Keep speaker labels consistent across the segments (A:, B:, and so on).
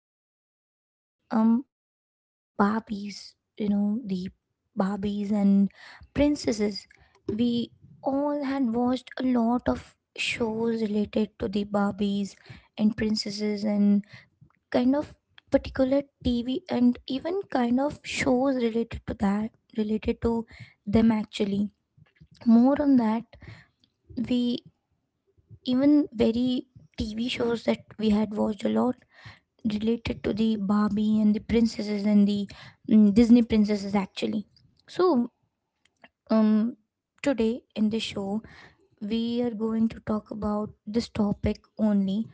A: talking about the Barbies and princesses. We all had watched a lot of shows related to the Barbies and princesses and kind of particular TV and even kind of shows related to them actually. More on that we even very TV shows that we had watched a lot related to the Barbie and the princesses and the Disney princesses actually. So, um, today in the show, we are going to talk about this topic only,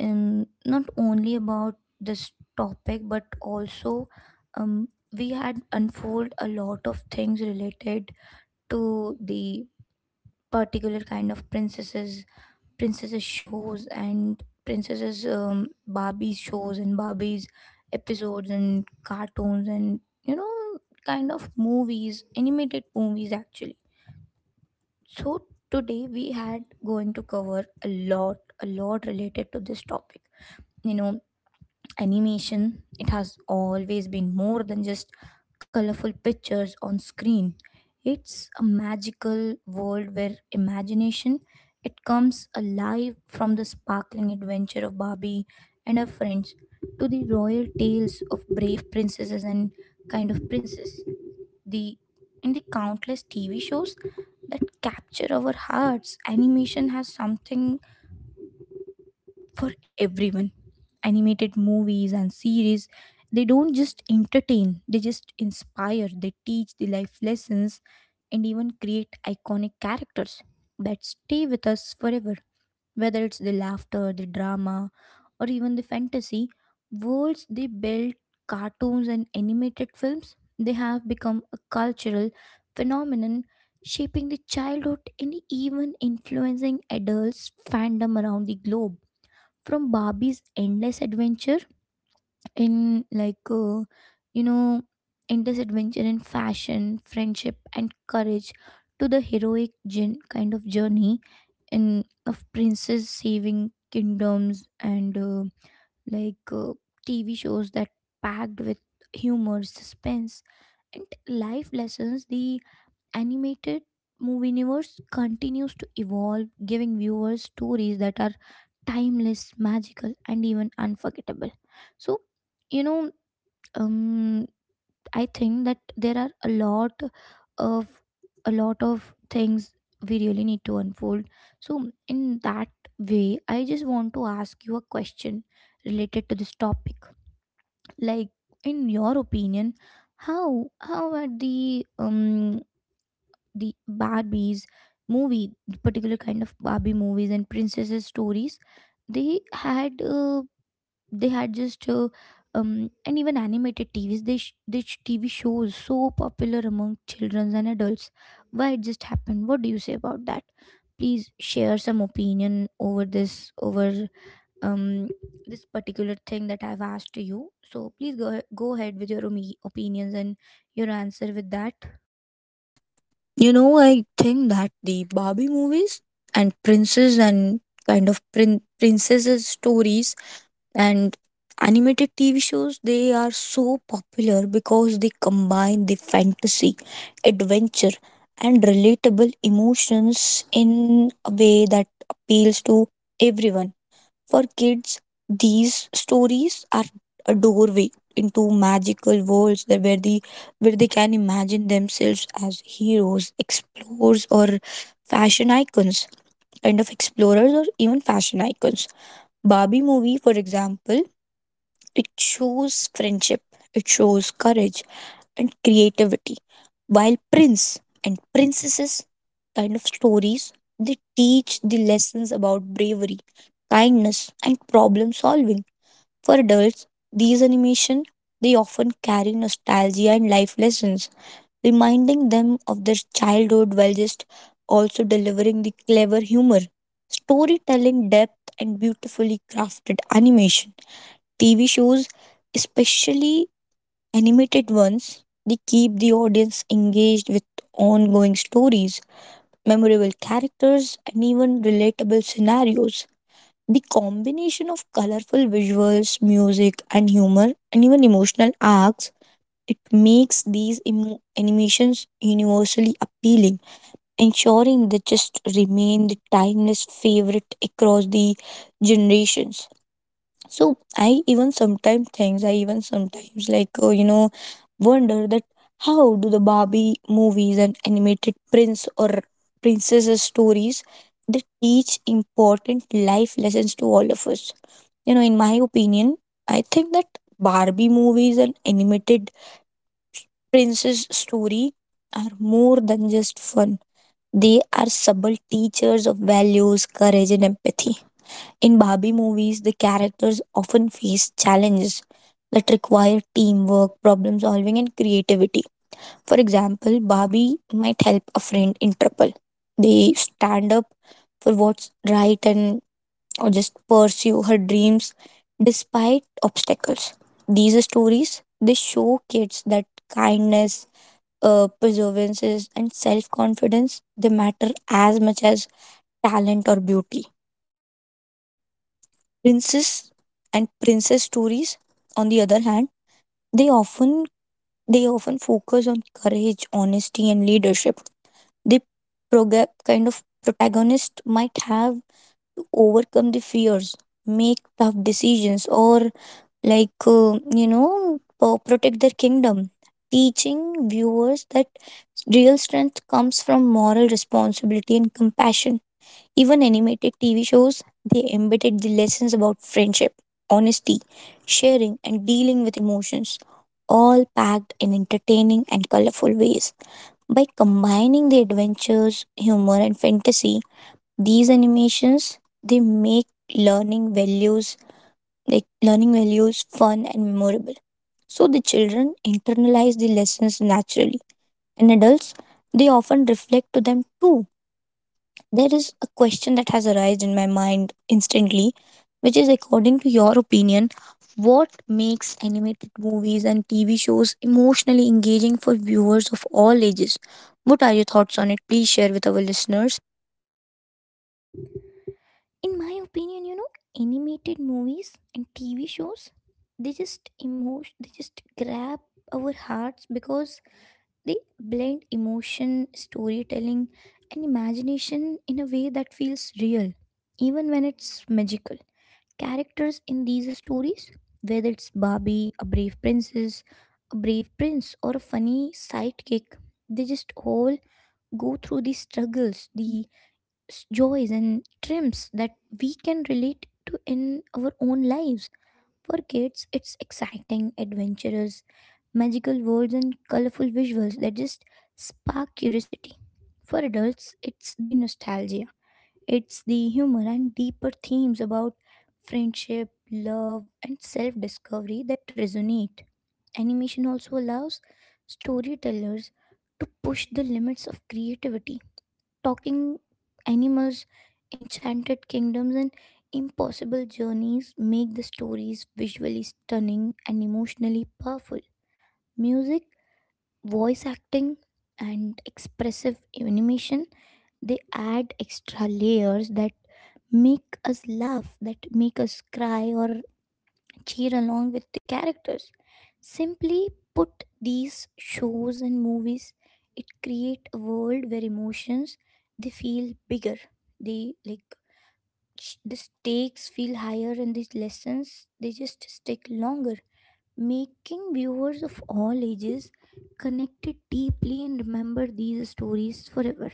A: not only about this topic, but also, we had unfold a lot of things related to the particular kind of princesses shows and princesses Barbie's shows and Barbie's episodes and cartoons and kind of movies, animated movies actually. So today we had going to cover a lot related to this topic. You know, animation, it has always been more than just colorful pictures on screen. It's a magical world where imagination it comes alive, from the sparkling adventure of Barbie and her friends to the royal tales of brave princesses and kind of princes. The and the countless TV shows that capture our hearts. Animation has something for everyone. Animated movies and series, they don't just entertain, they just inspire, they teach the life lessons, and even create iconic characters that stay with us forever. Whether it's the laughter, the drama, or even the fantasy, worlds they built, cartoons and animated films, they have become a cultural phenomenon, shaping the childhood and even influencing adults' fandom around the globe, from Barbie's endless adventure in you know endless adventure in fashion, friendship and courage, to the heroic kind of journey in of princes saving kingdoms, and like uh, TV shows that packed with humor, suspense and life lessons. The animated movie universe continues to evolve, giving viewers stories that are timeless, magical, and even unforgettable. So, you know, um, I think that there are of a lot of things we really need to unfold. So, in that way, I just want to ask you a question related to this topic. Like, in your opinion, how are the Barbie's movie, the particular kind of Barbie movies and princesses stories, they had uh, they had just and even animated TVs. TV shows so popular among children and adults. Why it just happened? What do you say about that? Please share some opinion over um this particular thing that I've asked to you. So please go ahead with your opinions and your answer with that.
B: You know, I think that the Barbie movies and princess and princesses stories and animated TV shows they are so popular because they combine the fantasy, adventure and relatable emotions in a way that appeals to everyone for kids, these stories are a doorway into magical worlds that where the where they can imagine themselves as heroes, explorers, or fashion icons, kind of explorers or even fashion icons. Barbie movie, for example, it shows friendship, it shows courage and creativity. While prince and princesses kind of stories, they teach the lessons about bravery, kindness, and problem solving. For adults, these animation they often carry nostalgia and life lessons, reminding them of their childhood while just also delivering the clever humor. Storytelling depth and beautifully crafted animation TV shows, especially animated ones, they keep the audience engaged with ongoing stories, memorable characters, and even relatable scenarios. The combination of colorful visuals, music, and humor, and even emotional arcs, it makes these animations universally appealing, ensuring they just remain the timeless favorite across the generations. I even sometimes like wonder that how do the Barbie movies and animated prince or princesses stories they teach important life lessons to all of us. You know, in my opinion, I think that Barbie movies and animated princess story are more than just fun. They are subtle teachers of values, courage, and empathy in Barbie movies, the characters often face challenges that require teamwork, problem solving, and creativity. For example, Barbie might help a friend in trouble. They stand up for what's right and or just pursue her dreams despite obstacles. These stories they show kids that kindness, perseverance, and self confidence they matter as much as talent or beauty. Princess and princess stories, on the other hand, they often they often focus on courage, honesty, and leadership. The kind of protagonist might have to overcome the fears, make tough decisions, or protect their kingdom. Teaching viewers that real strength comes from moral responsibility and compassion. Even animated TV shows, they embedded the lessons about friendship, honesty, sharing, and dealing with emotions, all packed in entertaining and colorful ways. By combining the adventures, humor, and fantasy, these animations they make learning values like learning values fun and memorable. So the children internalize the lessons naturally, and adults they often reflect to them too there is a question that has arisen in my mind instantly, which is according to your opinion, what makes animated movies and TV shows emotionally engaging for viewers of all ages? What are your thoughts on it? Please share with our listeners.
A: In my opinion, you know, animated movies and TV shows, they just grab our hearts because they blend emotion, storytelling and imagination in a way that feels real, even when it's magical. Characters in these stories, whether it's Barbie, a brave princess, a brave prince or a funny sidekick, they just all go through the struggles, the joys and trims that we can relate to in our own lives. For kids, it's exciting, adventurous, magical worlds and colorful visuals that just spark curiosity. For adults, it's the nostalgia, it's the humor and deeper themes about friendship, love, and self discovery that resonate. Animation also allows storytellers to push the limits of creativity. Talking animals, enchanted kingdoms, and impossible journeys make the stories visually stunning and emotionally powerful. Music, voice acting, and expressive animation, they add extra layers that make us laugh, that make us cry, or cheer along with the characters. Simply put, these shows and movies, it create a world where emotions they feel bigger. They like sh- the stakes feel higher, and these lessons they just stick longer, making viewers of all ages connected deeply and remember these stories forever.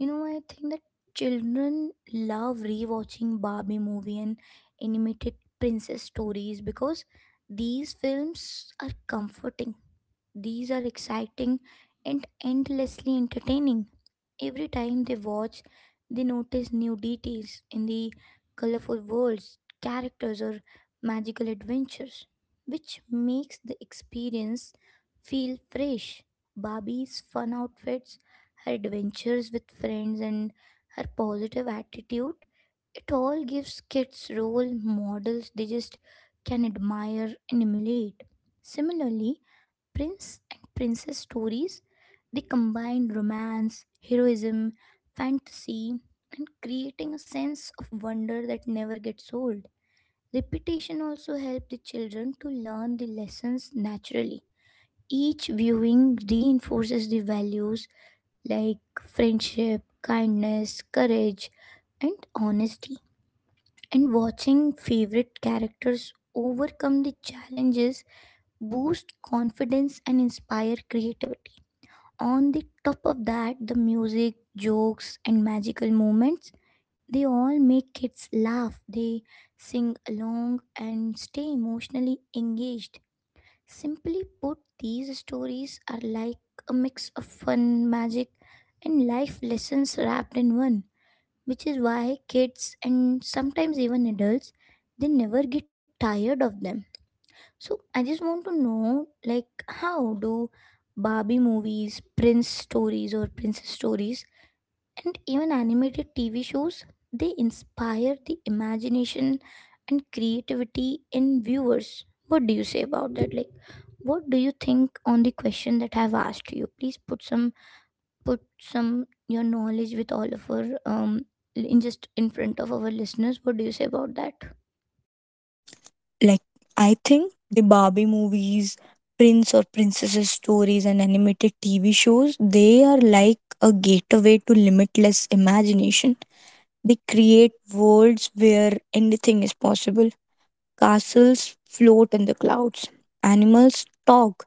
A: You know, I think that children love rewatching Barbie movie and animated princess stories because these films are comforting. These are exciting and endlessly entertaining. Every time they watch, they notice new details in the colorful worlds, characters, or magical adventures, which makes the experience feel fresh. Barbie's fun outfits, her adventures with friends, and her positive attitude, it all gives kids role models they just can admire and emulate. Similarly, prince and princess stories, they combine romance, heroism, fantasy, and creating a sense of wonder that never gets old. Repetition also helps the children to learn the lessons naturally. Each viewing reinforces the values like friendship, kindness, courage, and honesty. And watching favorite characters overcome the challenges boost confidence and inspire creativity. On the top of that, the music, jokes and magical moments, they all make kids laugh, they sing along and stay emotionally engaged. Simply put, these stories are like a mix of fun, magic and life lessons wrapped in one, which is why kids and sometimes even adults, they never get tired of them. So I just want to know, like, how do Barbie movies, Prince stories, or princess stories, and even animated TV shows, they inspire the imagination and creativity in viewers? What do you say about that? Like, what do you think on the question that I have asked you? Please put some your knowledge with all of our in front of our listeners. What do you say about that?
B: Like, I think the Barbie movies, Prince or Princesses stories, and animated TV shows, they are like a gateway to limitless imagination. They create worlds where anything is possible Castles float in the clouds, animals talk,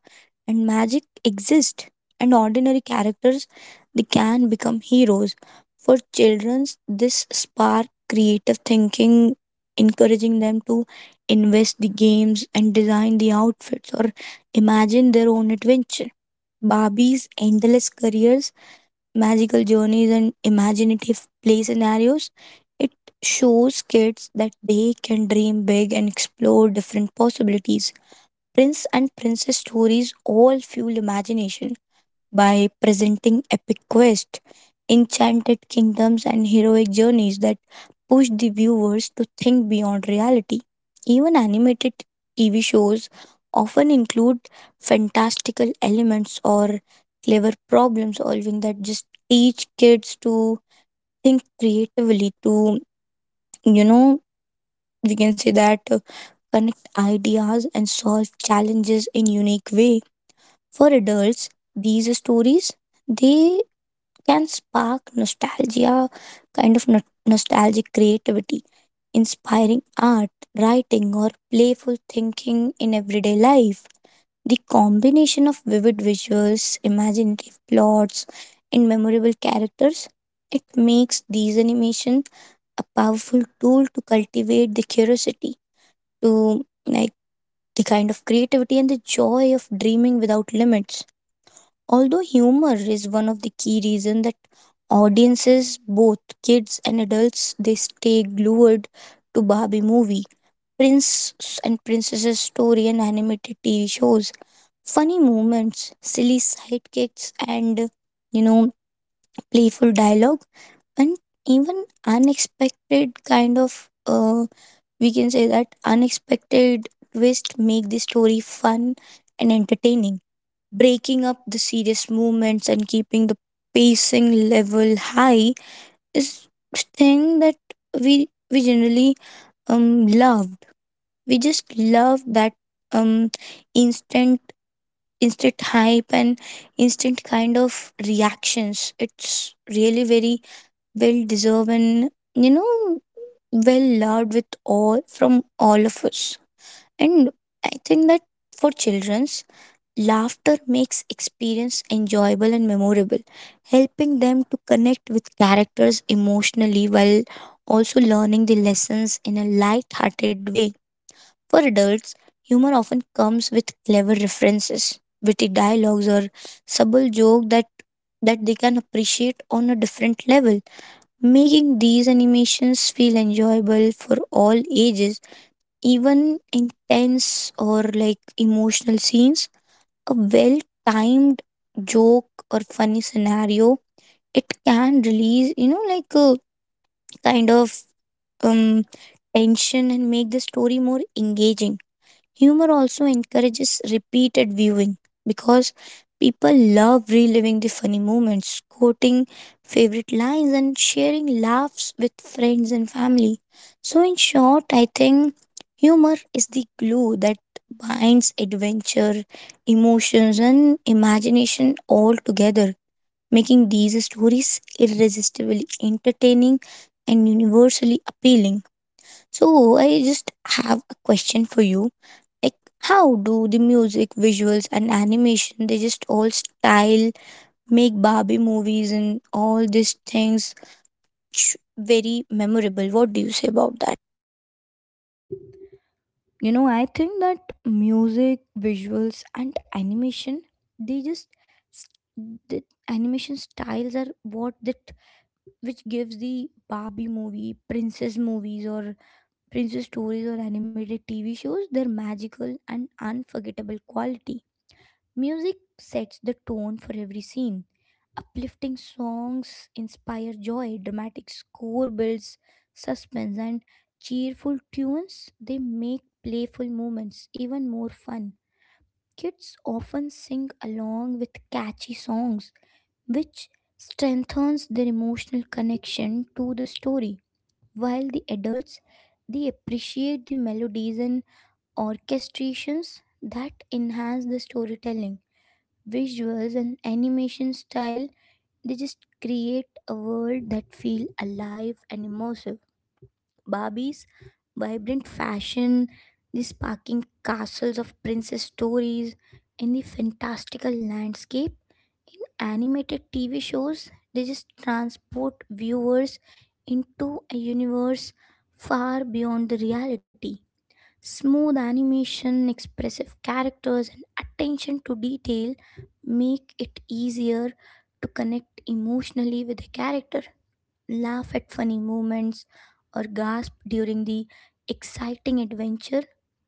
B: and magic exists. And ordinary characters, they can become heroes. For children, this spark creative thinking, encouraging them to invest the games and design the outfits or imagine their own adventure. Barbie's endless careers magical journeys, and imaginative play scenarios. It shows kids that they can dream big and explore different possibilities. Prince and Princess stories all fuel imagination by presenting epic quests, enchanted kingdoms, and heroic journeys that push the viewers to think beyond reality. Even animated TV shows often include fantastical elements or clever problem solving that just teach kids to think creatively, to, you know, we can say that connect ideas and solve challenges in unique way for adults these stories they can spark nostalgia, nostalgic creativity, inspiring art, writing, or playful thinking in everyday life. The combination of vivid visuals, imaginative plots, and memorable characters, it makes these animations a powerful tool to cultivate the curiosity, to like the kind of creativity and the joy of dreaming without limits. Although humor is one of the key reasons that audiences, both kids and adults, they stay glued to Barbie movie, Prince and Princess's story and animated TV shows, funny moments, silly sidekicks and you know playful dialogue and even unexpected kind of we can say that unexpected twist make the story fun and entertaining breaking up the serious movements and keeping the pacing level high is thing that we generally loved we just love that um instant instant hype and instant kind of reactions it's really very well deserved and you know well loved with all from all of us and I think that for children's Laughter makes experience enjoyable and memorable, helping them to connect with characters emotionally while also learning the lessons in a light-hearted way. For adults, humor often comes with clever references, witty dialogues or subtle joke that they can appreciate on a different level, making these animations feel enjoyable for all ages, even intense or like emotional scenes a well timed joke or funny scenario, it can release, you know, like a kind of um, tension and make the story more engaging. Humor also encourages repeated viewing because people love reliving the funny moments, quoting favorite lines, and sharing laughs with friends and family. So, in short, I think humor is the glue that binds adventure, emotions, and imagination all together, making these stories irresistibly entertaining and universally appealing. So, I just have a question for you like how do the music visuals and animation they just all style make barbie movies and all these things very memorable what do you say about that
A: You know, I think that music, visuals, and animation, they just s- the animation styles are what that which gives the Barbie movie, princess movies, or princess stories or animated TV shows their magical and unforgettable quality. Music sets the tone for every scene. Uplifting songs inspire joy, dramatic score builds suspense, and cheerful tunes, they make playful moments even more fun. Kids often sing along with catchy songs, which strengthens their emotional connection to the story, while the adults, they appreciate the melodies and orchestrations that enhance the storytelling. Visuals and animation style, they just create a world that feel alive and immersive. Barbie's vibrant fashion, the sparkling castles of princess stories, and the fantastical landscape animated TV shows, they just transport viewers into a universe far beyond the reality. Smooth animation, expressive characters, and attention to detail make it easier to connect emotionally with the character, laugh at funny moments, or gasp during the exciting adventure.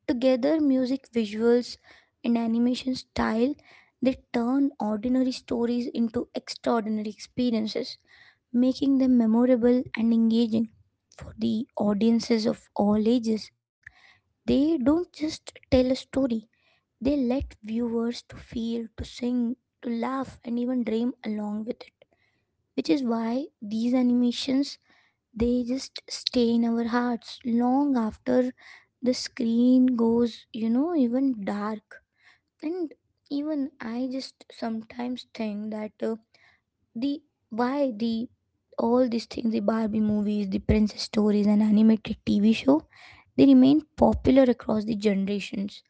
A: Together, music, visuals, and animation style, they turn ordinary stories into extraordinary experiences, making them memorable and engaging for the audiences of all ages. They don't just tell a story, they let viewers to feel, to sing, to laugh and even dream along with it. Which is why these animations, they just stay in our hearts long after the screen goes, you know, even dark. And even I just sometimes think that the why the all these things, the Barbie movies, the princess stories and animated TV show, they remain popular across the generations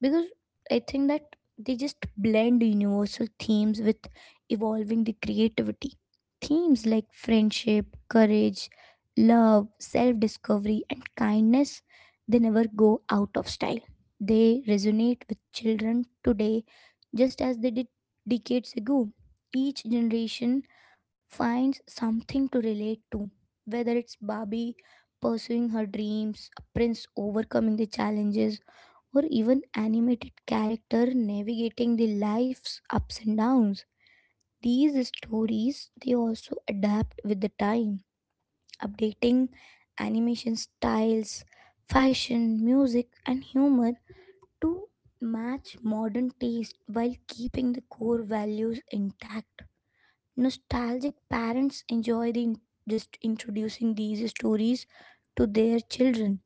A: because I think that they just blend universal themes with evolving the creativity. Themes like friendship, courage, love, self discovery, and kindness, they never go out of style. They resonate with children today just as they did decades ago. Each generation finds something to relate to, whether it's Barbie pursuing her dreams, a prince overcoming the challenges, or even animated character navigating the life's ups and downs. These stories, they also adapt with the time, updating animation styles, fashion, music, and humor to match modern taste while keeping the core values intact. Nostalgic parents enjoy just introducing these stories to their children.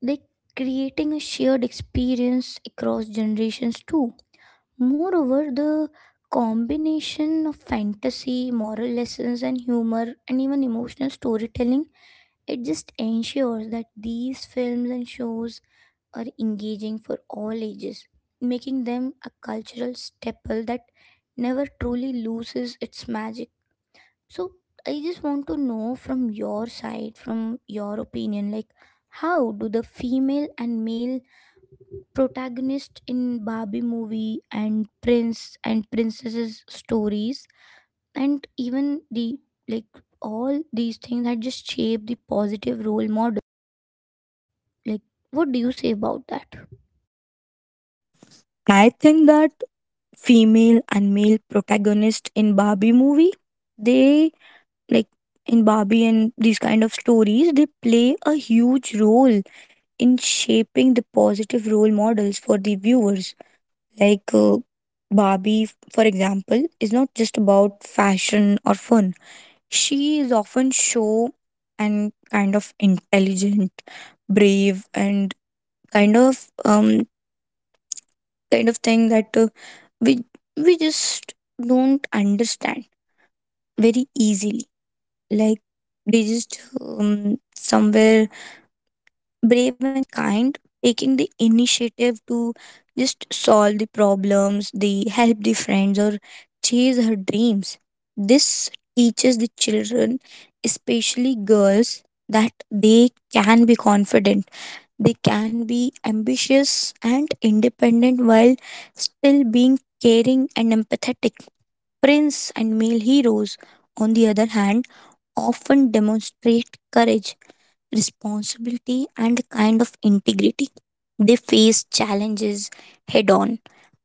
A: They creating a shared experience across generations too. Moreover, the combination of fantasy, moral lessons and humor and even emotional storytelling, it just ensures that these films and shows are engaging for all ages, making them a cultural staple that never truly loses its magic. So I just want to know from your side, from your opinion, like, how do the female and male protagonist in Barbie movie and prince and princesses stories, and even the, like, all these things that just shape the positive role model. Like, what do you say about that?
B: I think that female and male protagonist in Barbie movie, they like in Barbie and these kind of stories, they play a huge role in shaping the positive role models for the viewers. Like uh, Barbie, for example, is not just about fashion or fun. She is often show and kind of intelligent, brave, and kind of um kind of thing that we we just don't understand very easily. Like they just somewhere brave and kind, taking the initiative to just solve the problems, the help the friends or chase her dreams. This teaches the children, especially girls, that they can be confident, they can be ambitious and independent while still being caring and empathetic. Prince and male heroes, on the other hand, often demonstrate courage responsibility, and kind of integrity. They face challenges head on,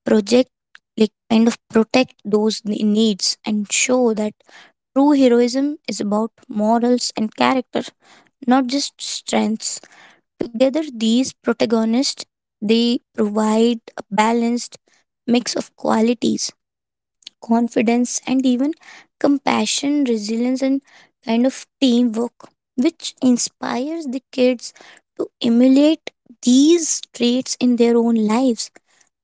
B: project protect those needs and show that true heroism is about morals and character, not just strengths. Together, these protagonists they provide a balanced mix of qualities confidence, and even compassion, resilience, and kind of teamwork, which inspires the kids to emulate these traits in their own lives.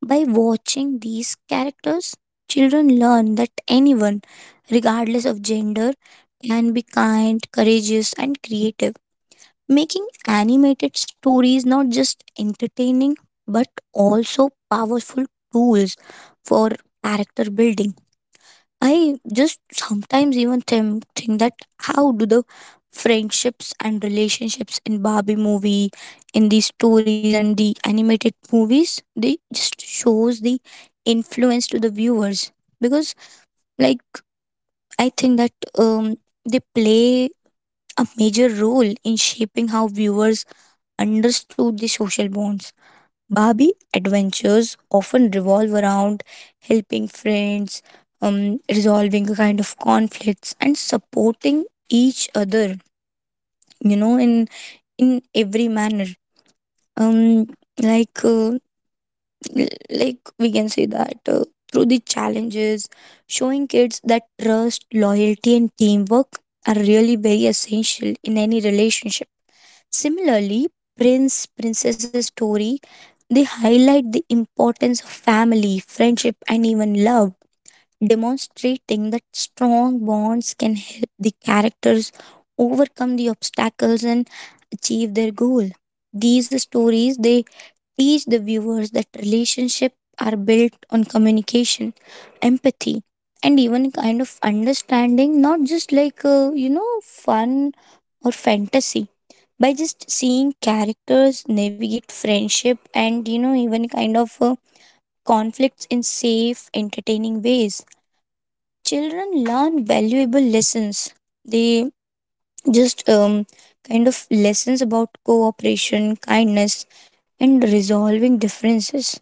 B: By watching these characters, children learn that anyone, regardless of gender, can be kind, courageous, and creative, making animated stories not just entertaining but also powerful tools for character building. I just sometimes even think that how do the friendships and relationships in Barbie movie, in these stories and the animated movies, they just shows the influence to the viewers because like I think that um they play a major role in shaping how viewers understood the social bonds Barbie adventures often revolve around helping friends, resolving a kind of conflicts, and supporting each other. You know, in in every manner. Um, like l- like we can say that through the challenges, showing kids that trust, loyalty, and teamwork are really very essential in any relationship. Similarly, Prince Princess's story they highlight the importance of family, friendship, and even love, demonstrating that strong bonds can help the characters overcome the obstacles and achieve their goal. These stories they teach the viewers that relationships are built on communication, empathy, and even kind of understanding, not just fun or fantasy by just seeing characters navigate friendship and you know even kind of conflicts in safe entertaining ways children learn valuable lessons they just kind of lessons about cooperation kindness and resolving differences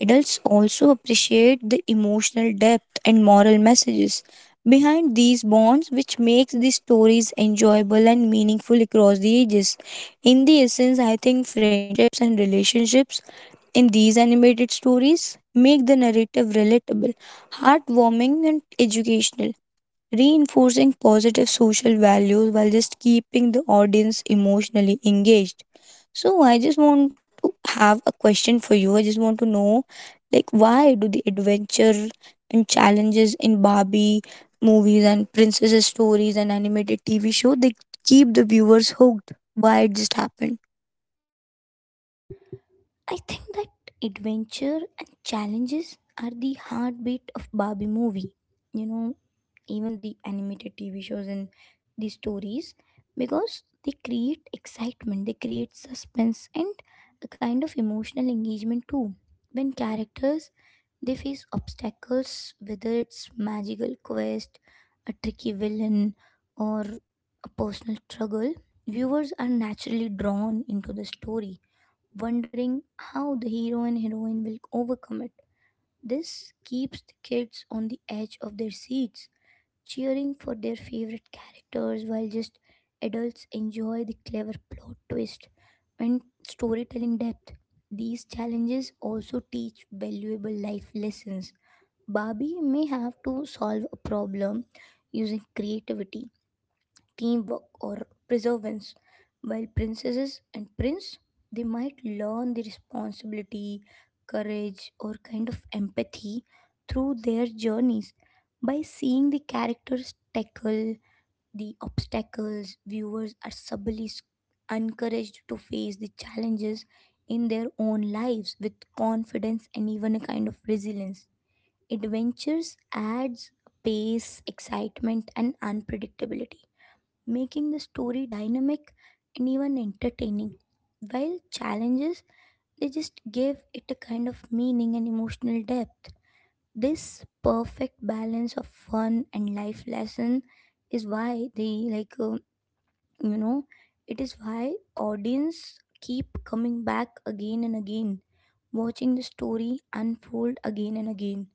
B: Adults also appreciate the emotional depth and moral messages behind these bonds which makes these stories enjoyable and meaningful across the ages. In the essence, I think friendships and relationships in these animated stories make the narrative relatable, heartwarming and educational reinforcing positive social values while just keeping the audience emotionally engaged. So, I just want to have a question for you. I just want to know, like, why do the adventure and challenges in Barbie movies and princesses stories and animated TV show they keep the viewers hooked? Why it just happened?
A: I think that adventure and challenges are the heartbeat of Barbie movie. You know, even the animated TV shows and the stories, because they create excitement, they create suspense and a kind of emotional engagement too. When characters they face obstacles, whether it's magical quest, a tricky villain, or a personal struggle, viewers are naturally drawn into the story, wondering how the hero and heroine will overcome it. This keeps the kids on the edge of their seats, cheering for their favorite characters, while just adults enjoy the clever plot twist and storytelling depth. These challenges also teach valuable life lessons. Barbie may have to solve a problem using creativity, teamwork, or perseverance, while princesses and prince, they might learn the responsibility, courage, or kind of empathy through their journeys. By seeing the characters tackle the obstacles, viewers are subtly encouraged to face the challenges in their own lives with confidence and even a kind of resilience. Adventures adds pace, excitement, and unpredictability, making the story dynamic and even entertaining. While challenges, they just gave it a kind of meaning and emotional depth. This perfect balance of fun and life lesson is why, they like you know it is why audience keep coming back again and again, watching the story unfold again and again,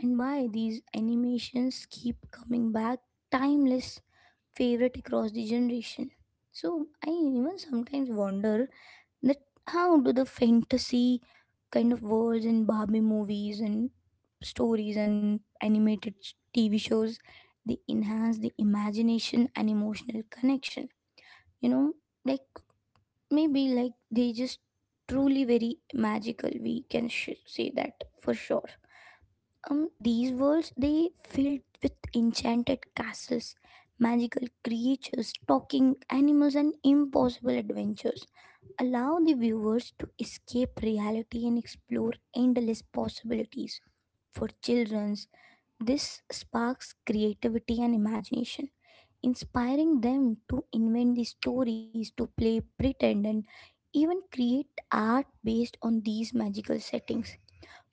A: and why these animations keep coming back timeless favorite across the generation. So I even sometimes wonder that how do the fantasy kind of worlds and Barbie movies and stories and animated TV shows, they enhance the imagination and emotional connection. You know, like, maybe like they just truly very magical. We can say that for sure. These worlds, they filled with enchanted castles, magical creatures, talking animals, and impossible adventures. Allow the viewers to escape reality and explore endless possibilities. For children, this sparks creativity and imagination, inspiring them to invent the stories, to play pretend, and even create art based on these magical settings.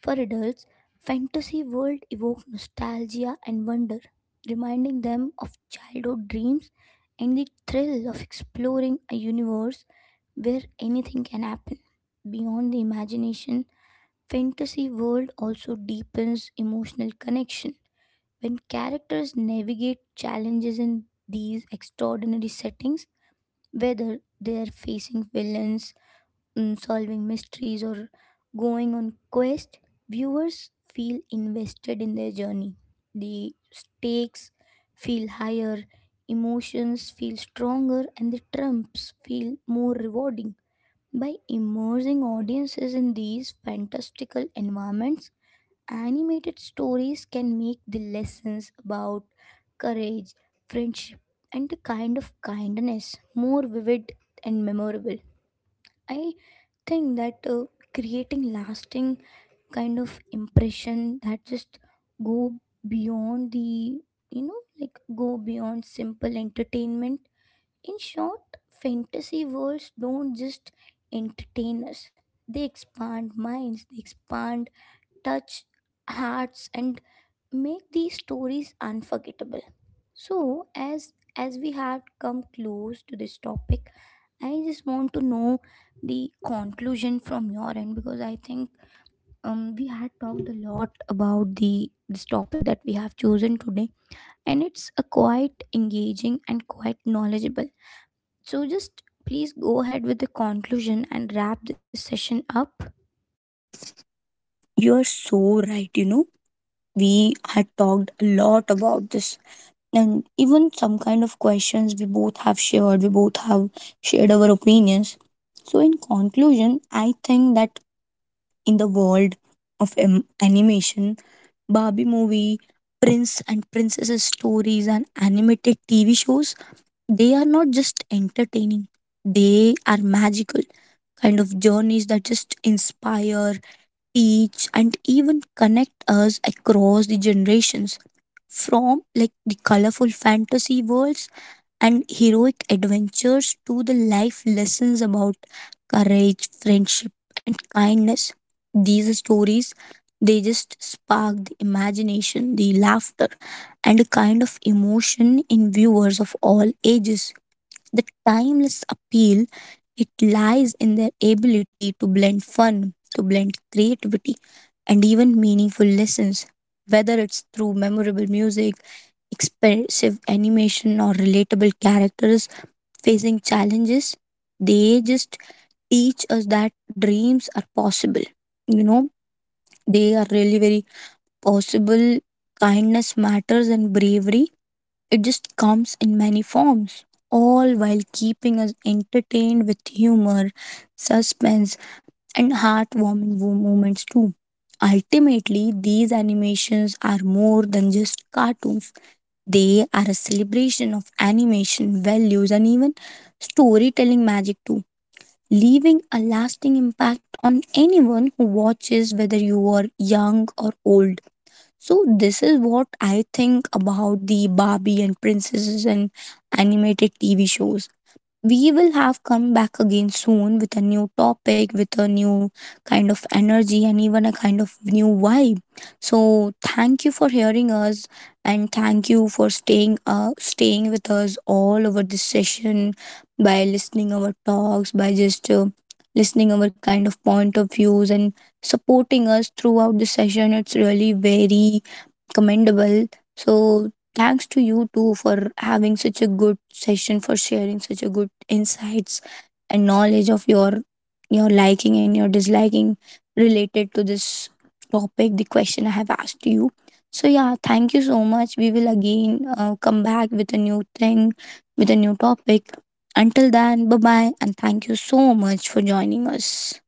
A: For adults, fantasy world evoke nostalgia and wonder, reminding them of childhood dreams and the thrill of exploring a universe where anything can happen. Beyond the imagination, fantasy world also deepens emotional connection. When characters navigate challenges in these extraordinary settings, whether they are facing villains, solving mysteries or going on quest, viewers feel invested in their journey. The stakes feel higher, emotions feel stronger and the trumps feel more rewarding. By immersing audiences in these fantastical environments, animated stories can make the lessons about courage, friendship and the kind of kindness more vivid and memorable. I think that creating lasting kind of impression that just go beyond the, like, go beyond simple entertainment. In short, fantasy worlds don't just entertain us. They expand minds, they expand, touch hearts and make these stories unforgettable. So as we have come close to this topic, I just want to know the conclusion from your end, because I think we had talked a lot about the this topic that we have chosen today, and it's a quite engaging and quite knowledgeable. So just please go ahead with the conclusion and wrap this session up.
B: You're so right. You know, we had talked a lot about this and even some kind of questions we both have shared our opinions. So, in conclusion, I think that in the world of animation, Barbie movie, Prince and Princesses stories, and animated TV shows, they are not just entertaining, they are magical kind of journeys that just inspire, teach and even connect us across the generations from like the colorful fantasy worlds and heroic adventures to the life lessons about courage friendship and kindness these stories they just spark the imagination the laughter and a kind of emotion in viewers of all ages the timeless appeal it lies in their ability to blend fun, to blend creativity, and even meaningful lessons, whether it's through memorable music, expressive animation, or relatable characters facing challenges. They just teach us that dreams are possible. You know, they are really very possible. Kindness matters and bravery it just comes in many forms, all while keeping us entertained with humor, suspense, and heartwarming moments too. Ultimately, these animations are more than just cartoons. They are a celebration of animation values and even storytelling magic too, leaving a lasting impact on anyone who watches, whether you are young or old. So this is what I think about the Barbie and princesses and animated TV shows. We will have come back again soon with a new topic, with a new kind of energy, and even a kind of new vibe. So thank you for hearing us, and thank you for staying staying with us all over this session by listening our talks, by just listening our kind of point of views, and supporting us throughout the session. It's really very commendable. So, thanks to you too for having such a good session, for sharing such a good insights and knowledge of your liking and your disliking related to this topic, the question I have asked you. So yeah, thank you so much. We will again come back with a new thing, with a new topic. Until then, bye bye, and thank you so much for joining us.